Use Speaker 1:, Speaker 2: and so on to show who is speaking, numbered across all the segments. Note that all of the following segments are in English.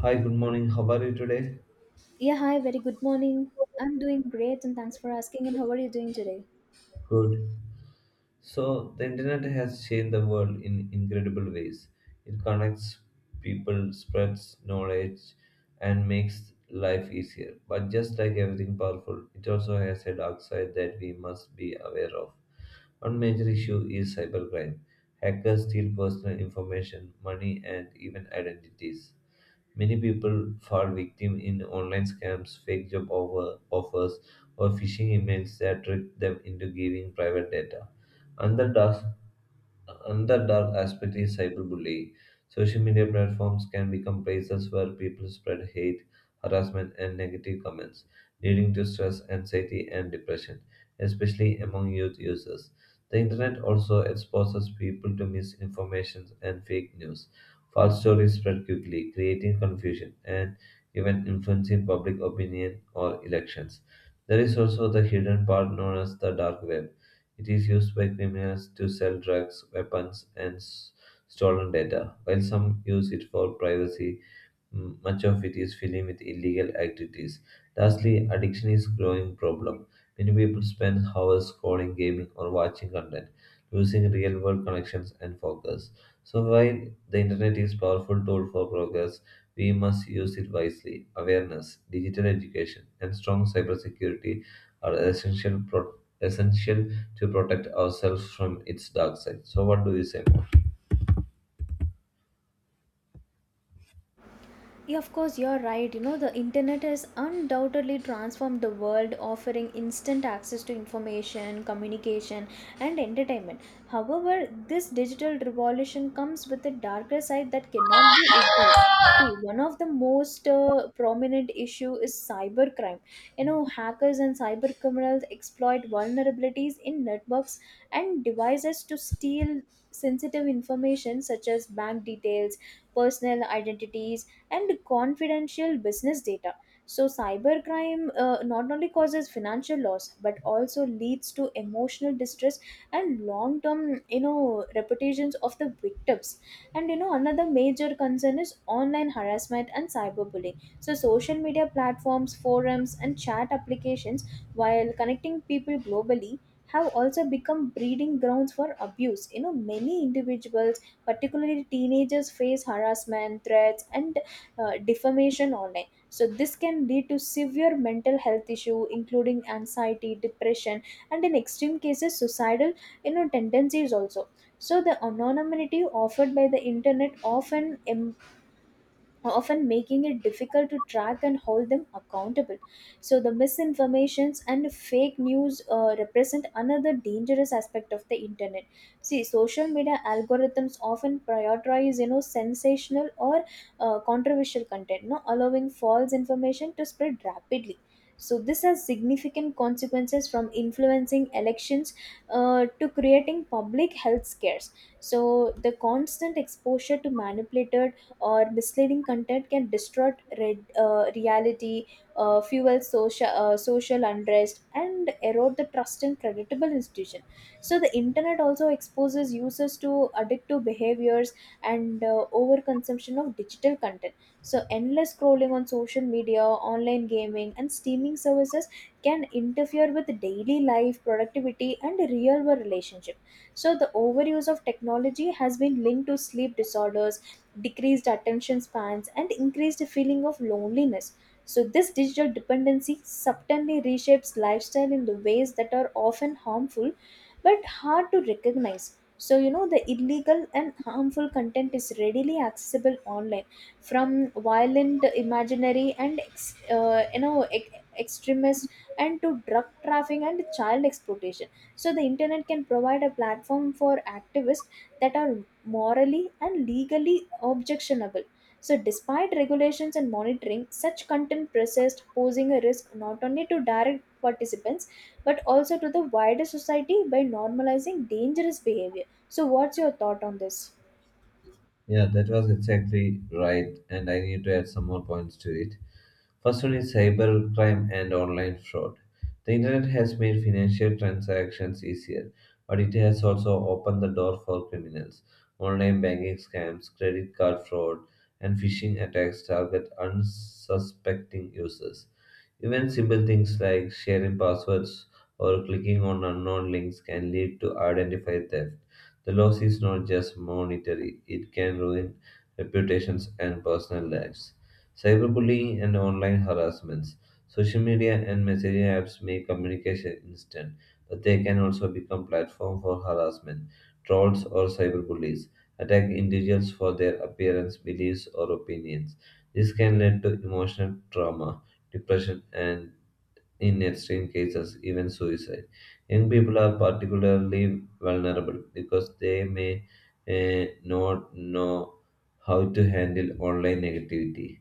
Speaker 1: Hi, good morning. How are you today?
Speaker 2: Yeah, hi, very good morning. I'm doing great and thanks for asking. And how are you doing today?
Speaker 1: Good. So, the internet has changed the world in incredible ways. It connects people, spreads knowledge, and makes life easier. But just like everything powerful, it also has a dark side that we must be aware of. One major issue is cybercrime. Hackers steal personal information, money, and even identities. Many people fall victim in online scams, fake job offers, or phishing emails that trick them into giving private data. Another task Another dark aspect is cyberbullying. Social media platforms can become places where people spread hate, harassment, and negative comments, leading to stress, anxiety, and depression, especially among youth users. The internet also exposes people to misinformation and fake news. False stories spread quickly, creating confusion and even influencing public opinion or elections. There is also the hidden part known as the dark web. It is used by criminals to sell drugs, weapons, and stolen data, while some use it for privacy. M much of it is filling with illegal activities. Lastly, addiction is a growing problem. Many people spend hours scrolling, gaming, or watching content, losing real-world connections and focus. So while the internet is a powerful tool for progress, we must use it wisely. Awareness, digital education, and strong cybersecurity are essential to protect ourselves from its dark side. So what do you say? More?
Speaker 2: Yeah, of course, you're right. The internet has undoubtedly transformed the world, offering instant access to information, communication, and entertainment. However, this digital revolution comes with a darker side that cannot be ignored. See, one of the most prominent issue is cybercrime. Hackers and cyber criminals exploit vulnerabilities in networks and devices to steal sensitive information such as bank details, personal identities, and confidential business data. So, cybercrime not only causes financial loss but also leads to emotional distress and long term, reputations of the victims. And another major concern is online harassment and cyberbullying. So, social media platforms, forums, and chat applications, while connecting people globally, have also become breeding grounds for abuse. Many individuals, particularly teenagers, face harassment, threats, and defamation online, so this can lead to severe mental health issue including anxiety, depression, and in extreme cases suicidal tendencies also. So the anonymity offered by the internet often often making it difficult to track and hold them accountable. So, the misinformations and fake news represent another dangerous aspect of the internet. See, social media algorithms often prioritize, sensational or controversial content, no, allowing false information to spread rapidly. So, this has significant consequences from influencing elections to creating public health scares. So, the constant exposure to manipulated or misleading content can distort reality, fuel social unrest, and erode the trust in creditable institution. So the internet also exposes users to addictive behaviors and overconsumption of digital content. So endless scrolling on social media, online gaming, and streaming services can interfere with daily life, productivity, and real world relationship, so the overuse of technology has been linked to sleep disorders, decreased attention spans, and increased feeling of loneliness. So, this digital dependency subtly reshapes lifestyle in the ways that are often harmful but hard to recognize. So, the illegal and harmful content is readily accessible online from violent, imaginary, and extremist, and to drug trafficking and child exploitation, so the internet can provide a platform for activists that are morally and legally objectionable. So despite regulations and monitoring, such content persists, posing a risk not only to direct participants but also to the wider society by normalizing dangerous behavior. So what's your thought on this?
Speaker 1: Yeah, that was exactly right, and I need to add some more points to it. First one is cybercrime and online fraud. The internet has made financial transactions easier, but it has also opened the door for criminals. Online banking scams, credit card fraud, and phishing attacks target unsuspecting users. Even simple things like sharing passwords or clicking on unknown links can lead to identity theft. The loss is not just monetary, it can ruin reputations and personal lives. Cyberbullying and online harassments. Social media and messaging apps make communication instant, but they can also become platform for harassment, trolls or cyberbullies. Attack individuals for their appearance, beliefs, or opinions. This can lead to emotional trauma, depression, and in extreme cases, even suicide. Young people are particularly vulnerable because they may not know how to handle online negativity.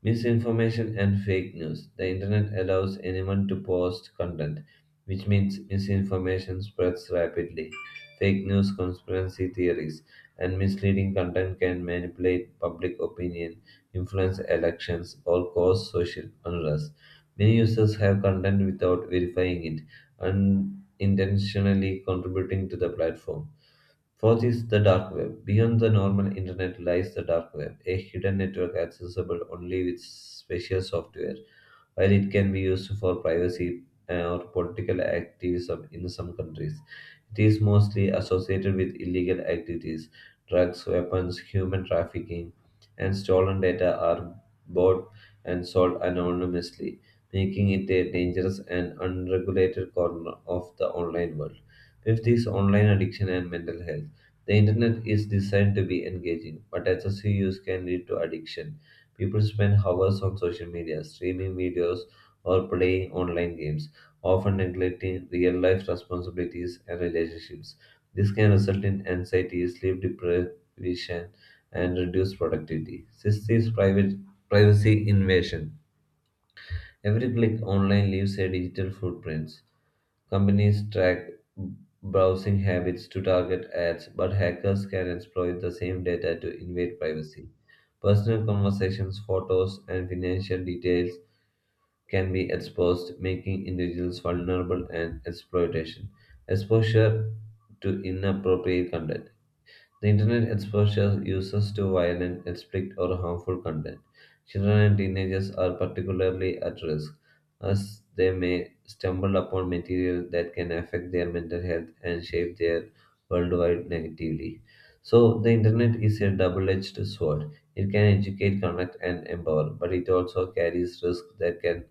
Speaker 1: Misinformation and fake news. The internet allows anyone to post content, which means misinformation spreads rapidly. Fake news, conspiracy theories, and misleading content can manipulate public opinion, influence elections, or cause social unrest. Many users have content without verifying it, unintentionally contributing to the platform. Fourth is the dark web. Beyond the normal internet lies the dark web, a hidden network accessible only with special software. While it can be used for privacy or political activism in some countries, it is mostly associated with illegal activities. Drugs, weapons, human trafficking, and stolen data are bought and sold anonymously, making it a dangerous and unregulated corner of the online world. Fifth is online addiction and mental health. The internet is designed to be engaging, but excessive use can lead to addiction. People spend hours on social media, streaming videos, or playing online games, often neglecting real life responsibilities and relationships. This can result in anxiety, sleep deprivation, and reduced productivity. Sixth is private privacy invasion. Every click online leaves a digital footprint. Companies track browsing habits to target ads, but hackers can exploit the same data to invade privacy. Personal conversations, photos, and financial details can be exposed, making individuals vulnerable and exploitation. Exposure to inappropriate content. The internet exposes users to violent, explicit, or harmful content. Children and teenagers are particularly at risk, as they may stumble upon material that can affect their mental health and shape their worldwide negatively. So, the internet is a double edged sword. It can educate, connect, and empower, but it also carries risks that can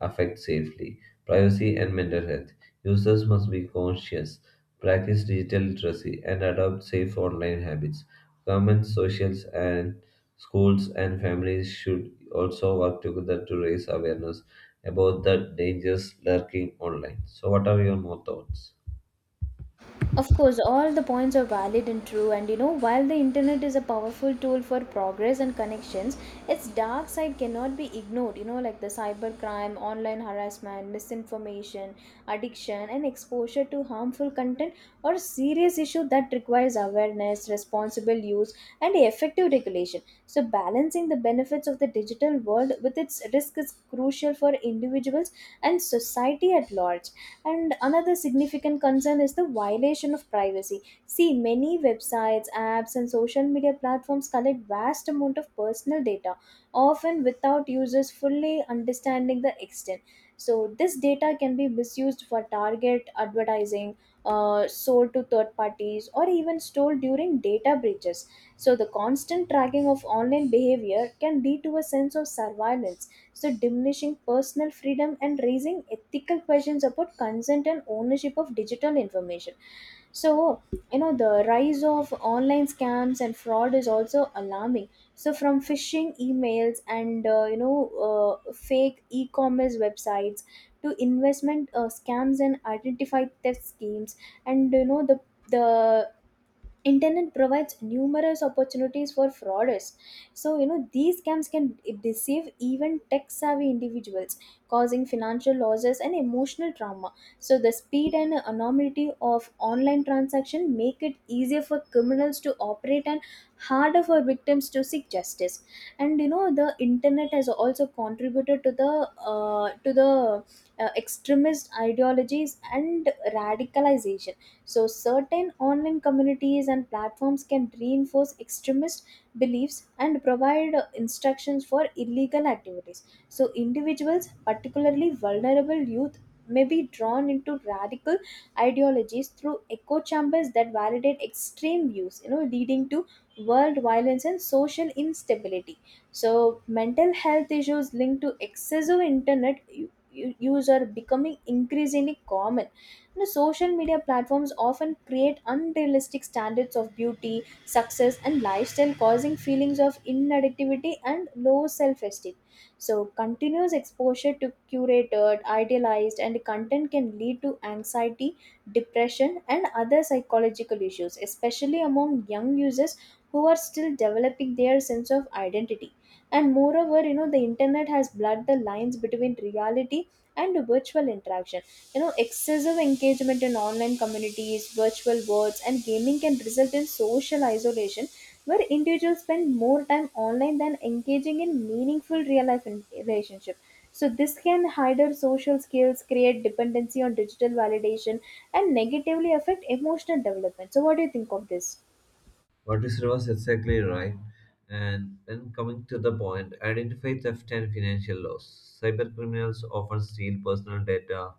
Speaker 1: affect safely, privacy, and mental health. Users must be conscious, practice digital literacy, and adopt safe online habits. Governments, socials, and schools and families should also work together to raise awareness about the dangers lurking online. So, what are your more thoughts?
Speaker 2: Of course, all the points are valid and true, and while the internet is a powerful tool for progress and connections, its dark side cannot be ignored. Like the cybercrime, online harassment, misinformation, addiction, and exposure to harmful content are serious issues that requires awareness, responsible use, and effective regulation. So, balancing the benefits of the digital world with its risk is crucial for individuals and society at large. And another significant concern is the violation of privacy. See, many websites, apps, and social media platforms collect vast amount of personal data, often without users fully understanding the extent. So, this data can be misused for target advertising, sold to third parties, or even stored during data breaches. So, the constant tracking of online behavior can lead to a sense of surveillance, so diminishing personal freedom and raising ethical questions about consent and ownership of digital information. So the rise of online scams and fraud is also alarming. So from phishing emails and fake e-commerce websites to investment scams and identified theft schemes, and the internet provides numerous opportunities for fraudsters. So these scams can deceive even tech savvy individuals, causing financial losses and emotional trauma. So the speed and anonymity of online transaction make it easier for criminals to operate and harder for victims to seek justice. And the internet has also contributed to the uh, to the extremist ideologies and radicalization. So, certain online communities and platforms can reinforce extremist beliefs and provide instructions for illegal activities. So, individuals, particularly vulnerable youth, may be drawn into radical ideologies through echo chambers that validate extreme views, leading to world violence and social instability. So, mental health issues linked to excessive internet use are becoming increasingly common. Social media platforms often create unrealistic standards of beauty, success, and lifestyle, causing feelings of inadequacy and low self esteem. So, continuous exposure to curated, idealized, and content can lead to anxiety, depression, and other psychological issues, especially among young users who are still developing their sense of identity. And moreover, the internet has blurred the lines between reality and virtual interaction. Excessive engagement in online communities, virtual worlds, and gaming can result in social isolation where individuals spend more time online than engaging in meaningful real life relationship. So this can hinder social skills, create dependency on digital validation, and negatively affect emotional development. So what do you think of this?
Speaker 1: What is reverse exactly right? And when coming to the point, identify theft and financial loss. Cyber criminals often steal personal data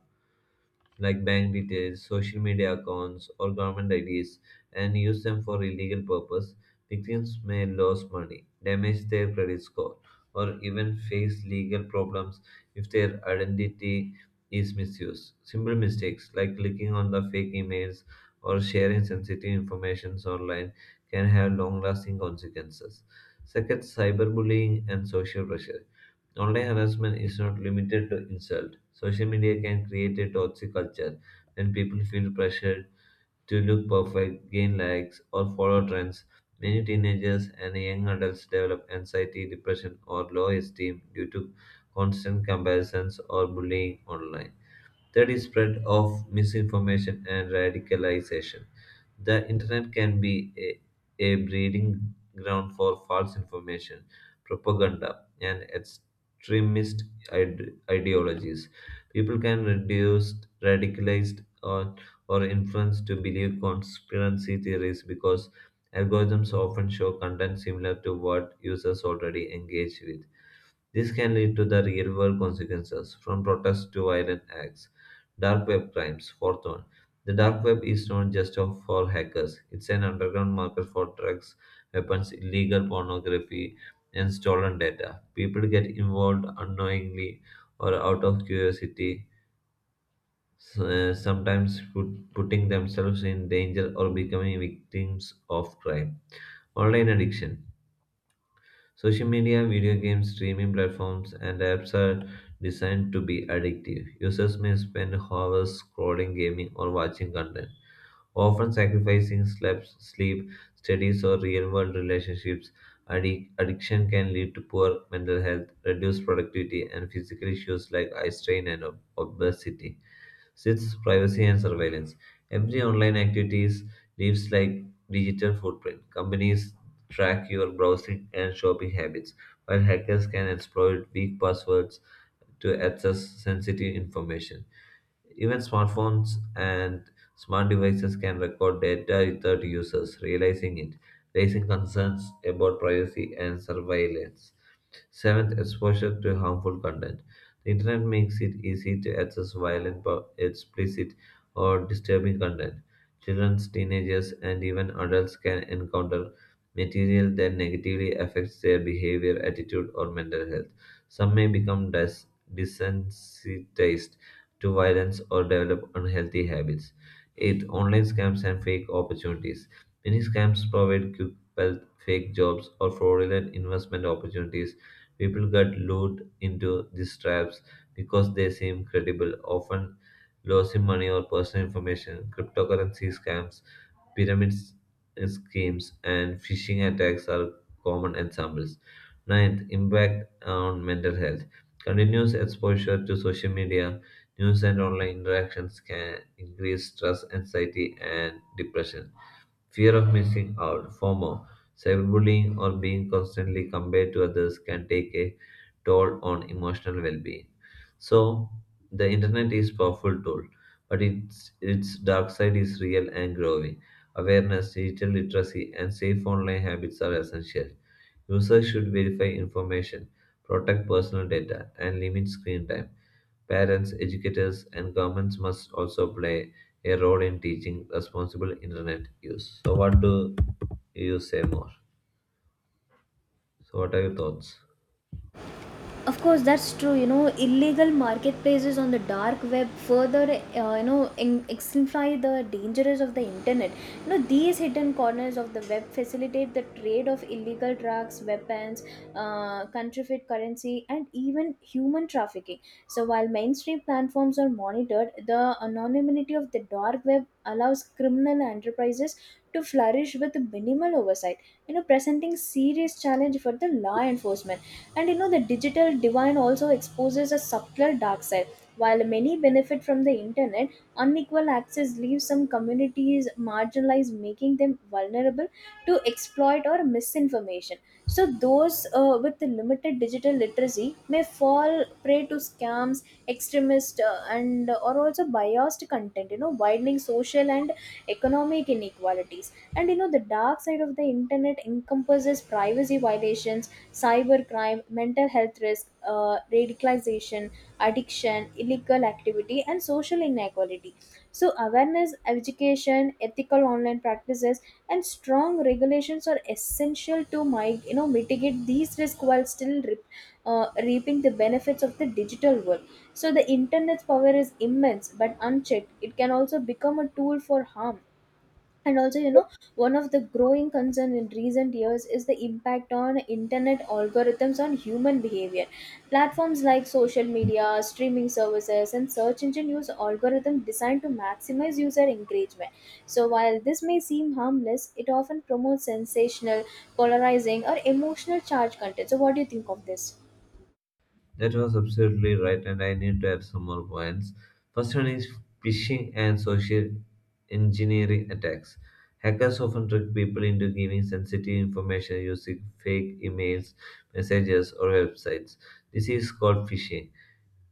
Speaker 1: like bank details, social media accounts, or government IDs and use them for illegal purpose, victims may lose money, damage their credit score, or even face legal problems if their identity is misused. Simple mistakes like clicking on the fake emails or sharing sensitive information online can have long lasting consequences. Second, cyberbullying and social pressure. Online harassment is not limited to insult. Social media can create a toxic culture when people feel pressured to look perfect, gain likes, or follow trends. Many teenagers and young adults develop anxiety, depression, or low esteem due to constant comparisons or bullying online. Third is spread of misinformation and radicalization. The internet can be a breeding ground for false information, propaganda, and extremist ideologies. People can reduce radicalized, or influenced to believe conspiracy theories because algorithms often show content similar to what users already engage with. This can lead to the real world consequences, from protests to violent acts. Dark web crimes, fourth one. The dark web is not just for hackers, it's an underground market for drugs, weapons, illegal pornography, and stolen data. People get involved unknowingly or out of curiosity, s- uh, sometimes put, putting themselves in danger or becoming victims of crime. Online addiction. Social media, video games, streaming platforms, and apps are designed to be addictive. Users may spend hours scrolling, gaming, or watching content, often sacrificing sleep, studies, or real world relationships. Addiction can lead to poor mental health, reduced productivity, and physical issues like eye strain and obesity. 6. Privacy and surveillance. Every online activities leaves like digital footprint. Companies track your browsing and shopping habits, while hackers can exploit weak passwords to access sensitive information. Even smartphones and smart devices can record data without users realizing it, raising concerns about privacy and surveillance. Seventh, exposure to harmful content. The internet makes it easy to access violent, explicit, or disturbing content. Children, teenagers, and even adults can encounter material that negatively affects their behavior, attitude, or mental health. Some may become desensitized to violence or develop unhealthy habits. Eighth, online scams and fake opportunities. Many scams provide quick wealth, fake jobs, or fraudulent investment opportunities. People get lured into these traps because they seem credible, often losing money or personal information. Cryptocurrency scams, pyramid schemes, and phishing attacks are common examples. Ninth, impact on mental health. Continuous exposure to social media, news, and online interactions can increase stress, anxiety, and depression. Fear of missing out, FOMO, cyberbullying, or being constantly compared to others can take a toll on emotional well-being. So, the internet is powerful tool, but its dark side is real and growing. Awareness, digital literacy, and safe online habits are essential. Users should verify information, protect personal data, and limit screen time. Parents, educators, and governments must also play a role in teaching responsible internet use. So, what do you say more? So, what are your thoughts?
Speaker 2: Of course, that's true. Illegal marketplaces on the dark web further, exemplify the dangers of the internet. These hidden corners of the web facilitate the trade of illegal drugs, weapons, counterfeit currency, and even human trafficking. So, while mainstream platforms are monitored, the anonymity of the dark web allows criminal enterprises to flourish with minimal oversight. Presenting serious challenge for the law enforcement. And the digital divide also exposes a subtler dark side. While many benefit from the internet, unequal access leaves some communities marginalized, making them vulnerable to exploit or misinformation. So, those with the limited digital literacy may fall prey to scams, extremist, and or also biased content. Widening social and economic inequalities. And the dark side of the internet encompasses privacy violations, cybercrime, mental health risk, radicalization, addiction, illegal activity, and social inequality. So, awareness, education, ethical online practices, and strong regulations are essential to mitigate these risks while still reaping the benefits of the digital world. So, the internet's power is immense, but unchecked, it can also become a tool for harm. And also one of the growing concern in recent years is the impact on internet algorithms on human behavior. Platforms like social media, streaming services, and search engine use algorithm designed to maximize user engagement. So while this may seem harmless, it often promotes sensational, polarizing, or emotional charged content. So what do you think of this?
Speaker 1: That was absolutely right, and I need to add some more points. First one is phishing and social engineering attacks. Hackers often trick people into giving sensitive information using fake emails, messages, or websites. This is called phishing.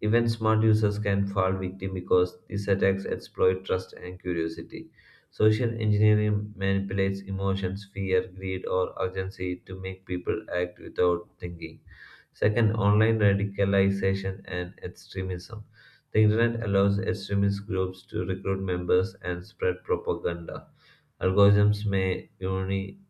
Speaker 1: Even smart users can fall victim because these attacks exploit trust and curiosity. Social engineering manipulates emotions, fear, greed, or urgency to make people act without thinking. Second, online radicalization and extremism. The internet allows extremist groups to recruit members and spread propaganda. Algorithms may uni-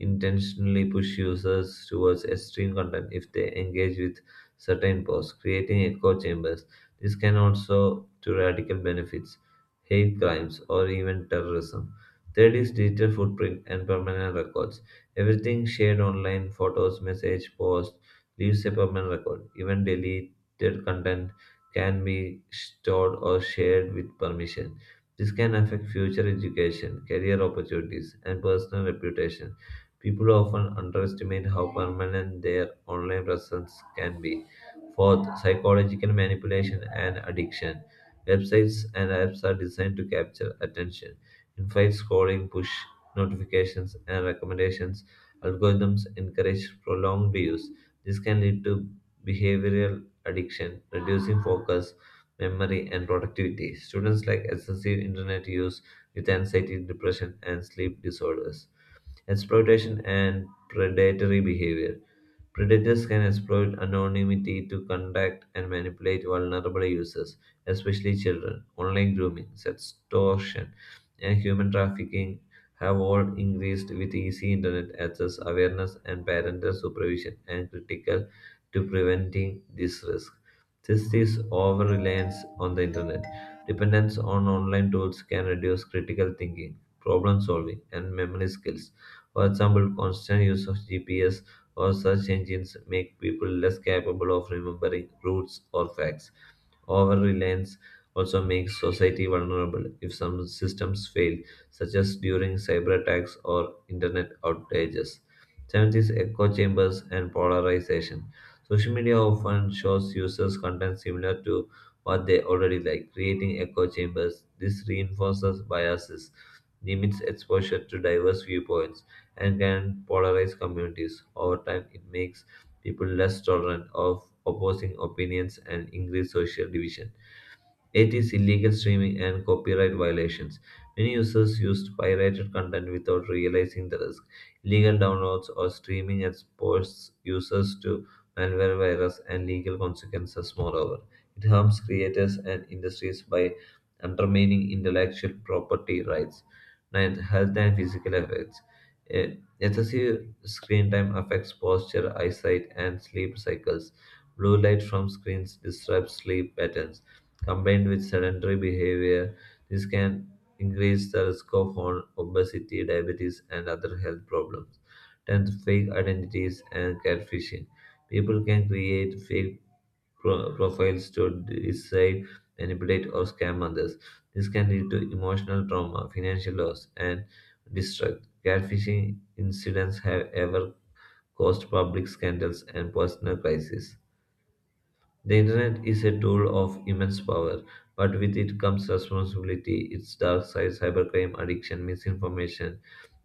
Speaker 1: intentionally push users towards extreme content if they engage with certain posts, creating echo chambers. This can also to radical benefits, hate crimes, or even terrorism. Third is digital footprint and permanent records. Everything shared online, photos, message, posts, leaves a permanent record. Even deleted content can be stored or shared with permission. This can affect future education, career opportunities, and personal reputation. People often underestimate how permanent their online presence can be. Fourth, psychological manipulation and addiction. Websites and apps are designed to capture attention. Infinite scrolling, push notifications, and recommendations algorithms encourage prolonged use. This can lead to behavioral addiction, reducing focus, memory, and productivity. Students like excessive internet use with anxiety, depression, and sleep disorders. Exploitation and predatory behavior. Predators can exploit anonymity to contact and manipulate vulnerable users, especially children. Online grooming, sextortion, and human trafficking have all increased with easy internet access, awareness, and parental supervision, and critical to preventing this risk. This is over reliance on the internet. Dependence on online tools can reduce critical thinking, problem solving, and memory skills, for example, constant use of GPS or search engines make people less capable of remembering routes or facts. Over reliance also makes society vulnerable if some systems fail, such as during cyber attacks or internet outages. Seventh is echo chambers and polarization. Social media often shows users content similar to what they already like, creating echo chambers. This reinforces biases, limits exposure to diverse viewpoints, and can polarize communities. Over time, it makes people less tolerant of opposing opinions and increased social division. Eight is illegal streaming and copyright violations. Many users used pirated content without realizing the risk. Illegal downloads or streaming exposes users to malware virus and legal consequences, moreover. It harms creators and industries by undermining intellectual property rights. Ninth, health and physical effects. Eh, Excessive screen time affects posture, eyesight, and sleep cycles. Blue light from screens disrupts sleep patterns combined with sedentary behavior, this can increase the risk of obesity, diabetes, and other health problems. 10th, fake identities and catfishing. People can create fake profiles to deceive, manipulate, or scam others. This can lead to emotional trauma, financial loss, and distrust. Catfishing incidents have ever caused public scandals and personal crises. The internet is a tool of immense power, but with it comes responsibility. Its dark side, cybercrime, addiction, misinformation,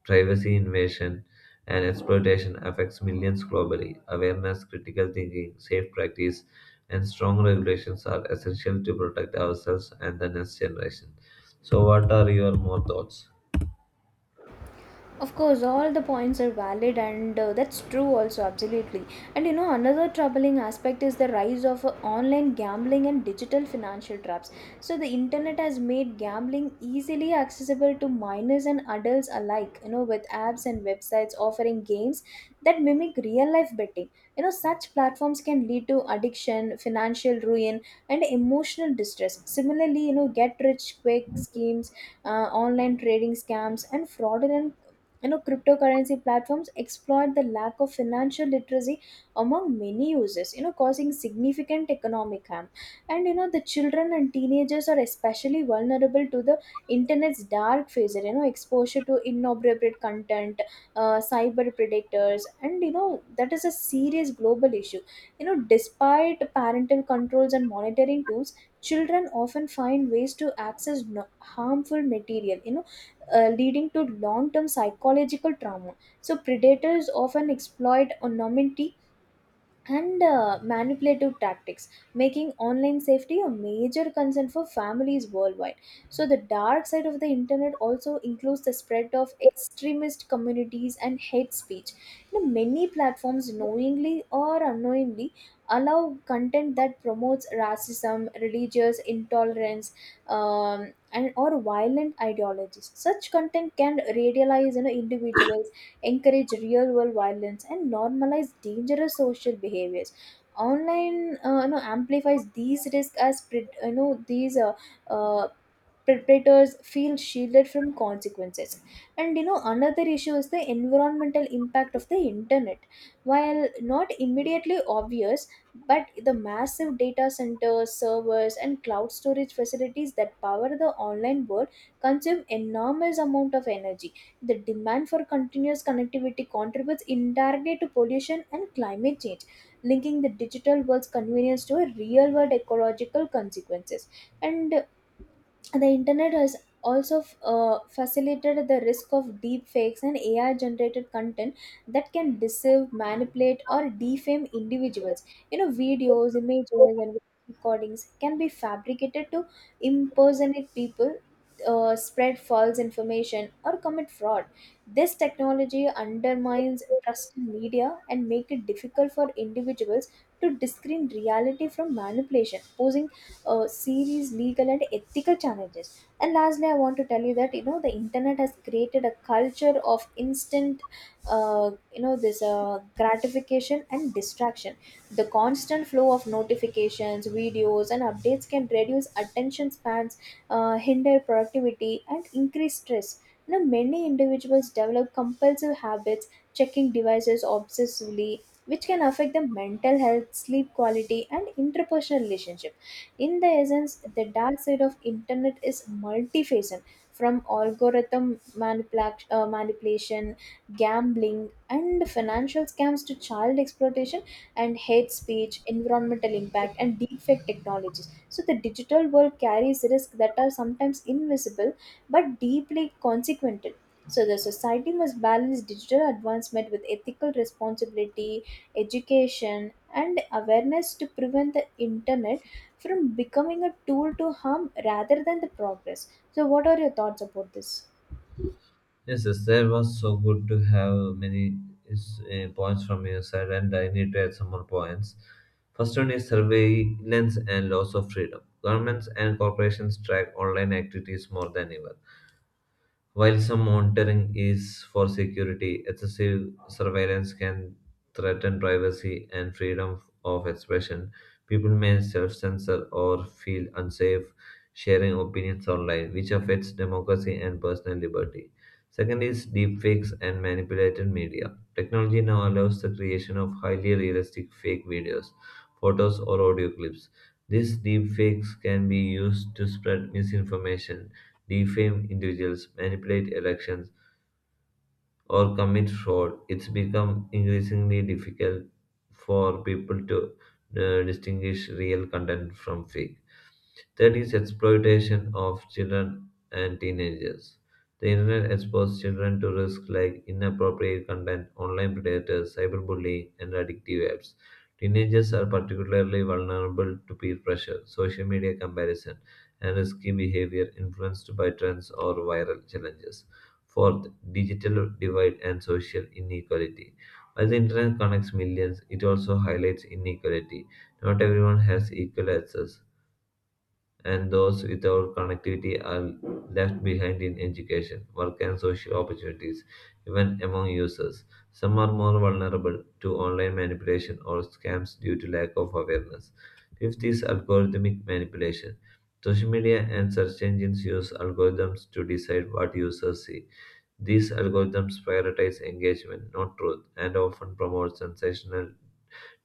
Speaker 1: privacy invasion, and exploitation affects millions globally. Awareness, critical thinking, safe practice, and strong regulations are essential to protect ourselves and the next generation. So, what are your more thoughts?
Speaker 2: Of course, all the points are valid, and that's true also, absolutely. And another troubling aspect is the rise of online gambling and digital financial traps. So, the internet has made gambling easily accessible to minors and adults alike, with apps and websites offering games that mimic real life betting. Such platforms can lead to addiction, financial ruin, and emotional distress. Similarly, get rich quick schemes, online trading scams, and fraudulent cryptocurrency platforms exploit the lack of financial literacy among many users, causing significant economic harm. And the children and teenagers are especially vulnerable to the internet's dark phases. Exposure to inappropriate content, cyber predators, and that is a serious global issue. Despite parental controls and monitoring tools, children often find ways to access harmful material, leading to long term psychological trauma. So, predators often exploit anonymity and manipulative tactics, making online safety a major concern for families worldwide. So, the dark side of the internet also includes the spread of extremist communities and hate speech. Many platforms knowingly or unknowingly allow content that promotes racism, religious intolerance, and or violent ideologies. Such content can radicalize individuals, encourage real world violence, and normalize dangerous social behaviors. Online amplifies these risks as these uh, predators feel shielded from consequences. And another issue is the environmental impact of the internet. While not immediately obvious, but the massive data centers, servers, and cloud storage facilities that power the online world consume enormous amount of energy. The demand for continuous connectivity contributes indirectly to pollution and climate change, linking the digital world's convenience to real world ecological consequences. And the internet has also facilitated the risk of deep fakes and AI generated content that can deceive, manipulate, or defame individuals. Videos, images, and recordings can be fabricated to impersonate people, spread false information or commit fraud. This technology undermines trust in media and make it difficult for individuals to discern reality from manipulation, posing serious legal and ethical challenges. And lastly, I want to tell you that the internet has created a culture of instant, you know, this gratification and distraction. The constant flow of notifications, videos, and updates can reduce attention spans, hinder productivity, and increase stress. Now, many individuals develop compulsive habits, checking devices obsessively, which can affect their mental health, sleep quality, and interpersonal relationship. In the essence, the dark side of internet is multifaceted, from algorithm manipulation, gambling, and financial scams to child exploitation and hate speech, environmental impact, and deepfake technologies. So, the digital world carries risks that are sometimes invisible but deeply consequential. So the society must balance digital advancement with ethical responsibility, education, and awareness to prevent the internet from becoming a tool to harm rather than the progress. So, what are your thoughts about this?
Speaker 1: Yes, yes, that was so good to have many is, points from your side, and I need to add some more points. First one is surveillance and loss of freedom. Governments and corporations track online activities more than ever. While some monitoring is for security, excessive surveillance can threaten privacy and freedom of expression. People may self censor or feel unsafe sharing opinions online, which affects democracy and personal liberty. Second is deepfakes and manipulated media. Technology now allows the creation of highly realistic fake videos, photos, or audio clips. These deepfakes can be used to spread misinformation, defame individuals, manipulate elections, or commit fraud. It's become increasingly difficult for people to distinguish real content from fake. Third is exploitation of children and teenagers. The internet exposes children to risks like inappropriate content, online predators, cyberbullying, and addictive apps. Teenagers are particularly vulnerable to peer pressure, social media comparison, and risky behavior influenced by trends or viral challenges. Fourth, digital divide and social inequality. While the internet connects millions, it also highlights inequality. Not everyone has equal access, and those without connectivity are left behind in education, work, and social opportunities. Even among users, some are more vulnerable to online manipulation or scams due to lack of awareness. Fifth is algorithmic manipulation. Social media and search engines use algorithms to decide what users see. These algorithms prioritize engagement, not truth, and often promote sensational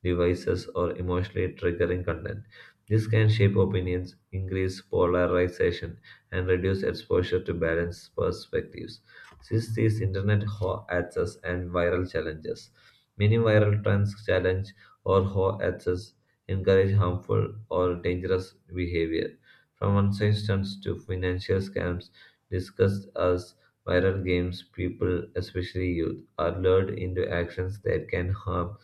Speaker 1: devices, or emotionally triggering content. This can shape opinions, increase polarization, and reduce exposure to balanced perspectives. Since these internet ho access and viral challenges, many viral trends challenge or ho access encourage harmful or dangerous behavior. From unsafe stunts to financial scams discussed as viral games, people, especially youth, are lured into actions that can harm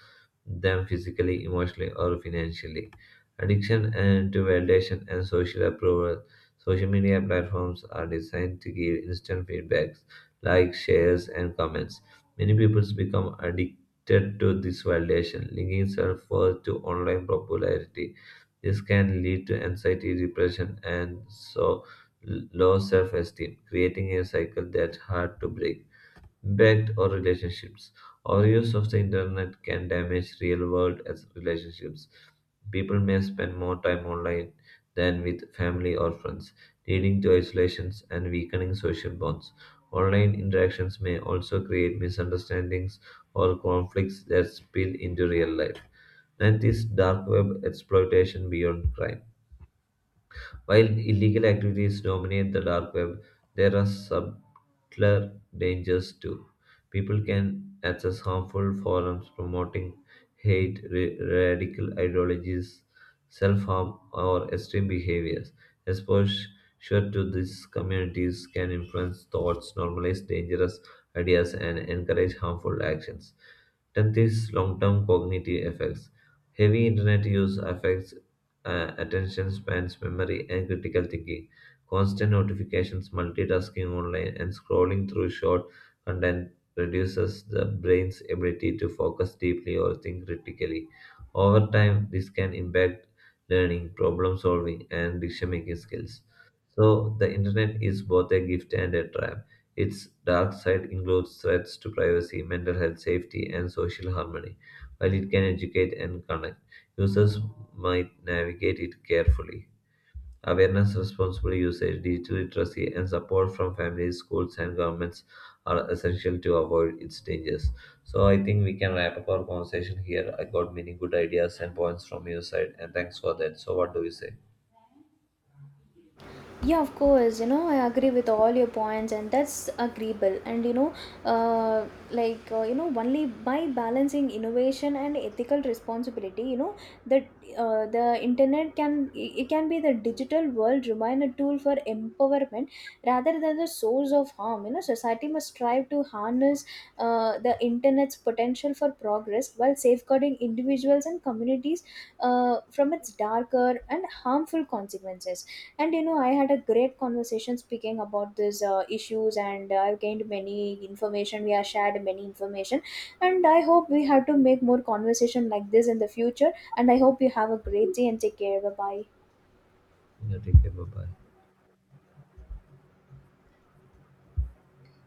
Speaker 1: them physically, emotionally, or financially. Addiction and to validation and social approval. Social media platforms are designed to give instant feedbacks, likes, shares, and comments. Many people become addicted to this validation, linking self worth to online popularity. This can lead to anxiety, depression, and so low self esteem, creating a cycle that's hard to break impact or relationships. Our use of the internet can damage real world as relationships. People may spend more time online than with family or friends, leading to isolations and weakening social bonds. Online interactions may also create misunderstandings or conflicts that spill into real life. And this dark web exploitation beyond crime. While illegal activities dominate the dark web, there are subtler dangers too. People can access harmful forums promoting hate, radical ideologies, self harm, or extreme behaviors. Exposure to these communities can influence thoughts, normalize dangerous ideas, and encourage harmful actions. Tenth is long-term cognitive effects. Heavy internet use affects attention spans, memory, and critical thinking. Constant notifications, multitasking online, and scrolling through short content reduces the brain's ability to focus deeply or think critically. Over time, this can impact learning, problem solving, and decision making skills. So, the internet is both a gift and a trap. Its dark side includes threats to privacy, mental health, safety, and social harmony, while it can educate and connect. Users might navigate it carefully. Awareness, responsible usage, digital literacy, and support from families, schools, and governments are essential to avoid its dangers. So, I think we can wrap up our conversation here. I got many good ideas and points from your side, and thanks for that. So, what do you say?
Speaker 2: Yeah, of course, I agree with all your points, and that's agreeable. And like, only by balancing innovation and ethical responsibility, that the internet can, it can be the digital world remain a tool for empowerment rather than the source of harm. Society must strive to harness the internet's potential for progress while safeguarding individuals and communities from its darker and harmful consequences. And I had a great conversation speaking about these issues, and I've gained many information. We have shared many information, and I hope we have to make more conversation like this in the future, and I hope you have a great day and take care, bye bye.
Speaker 1: Yeah, take care. Bye bye.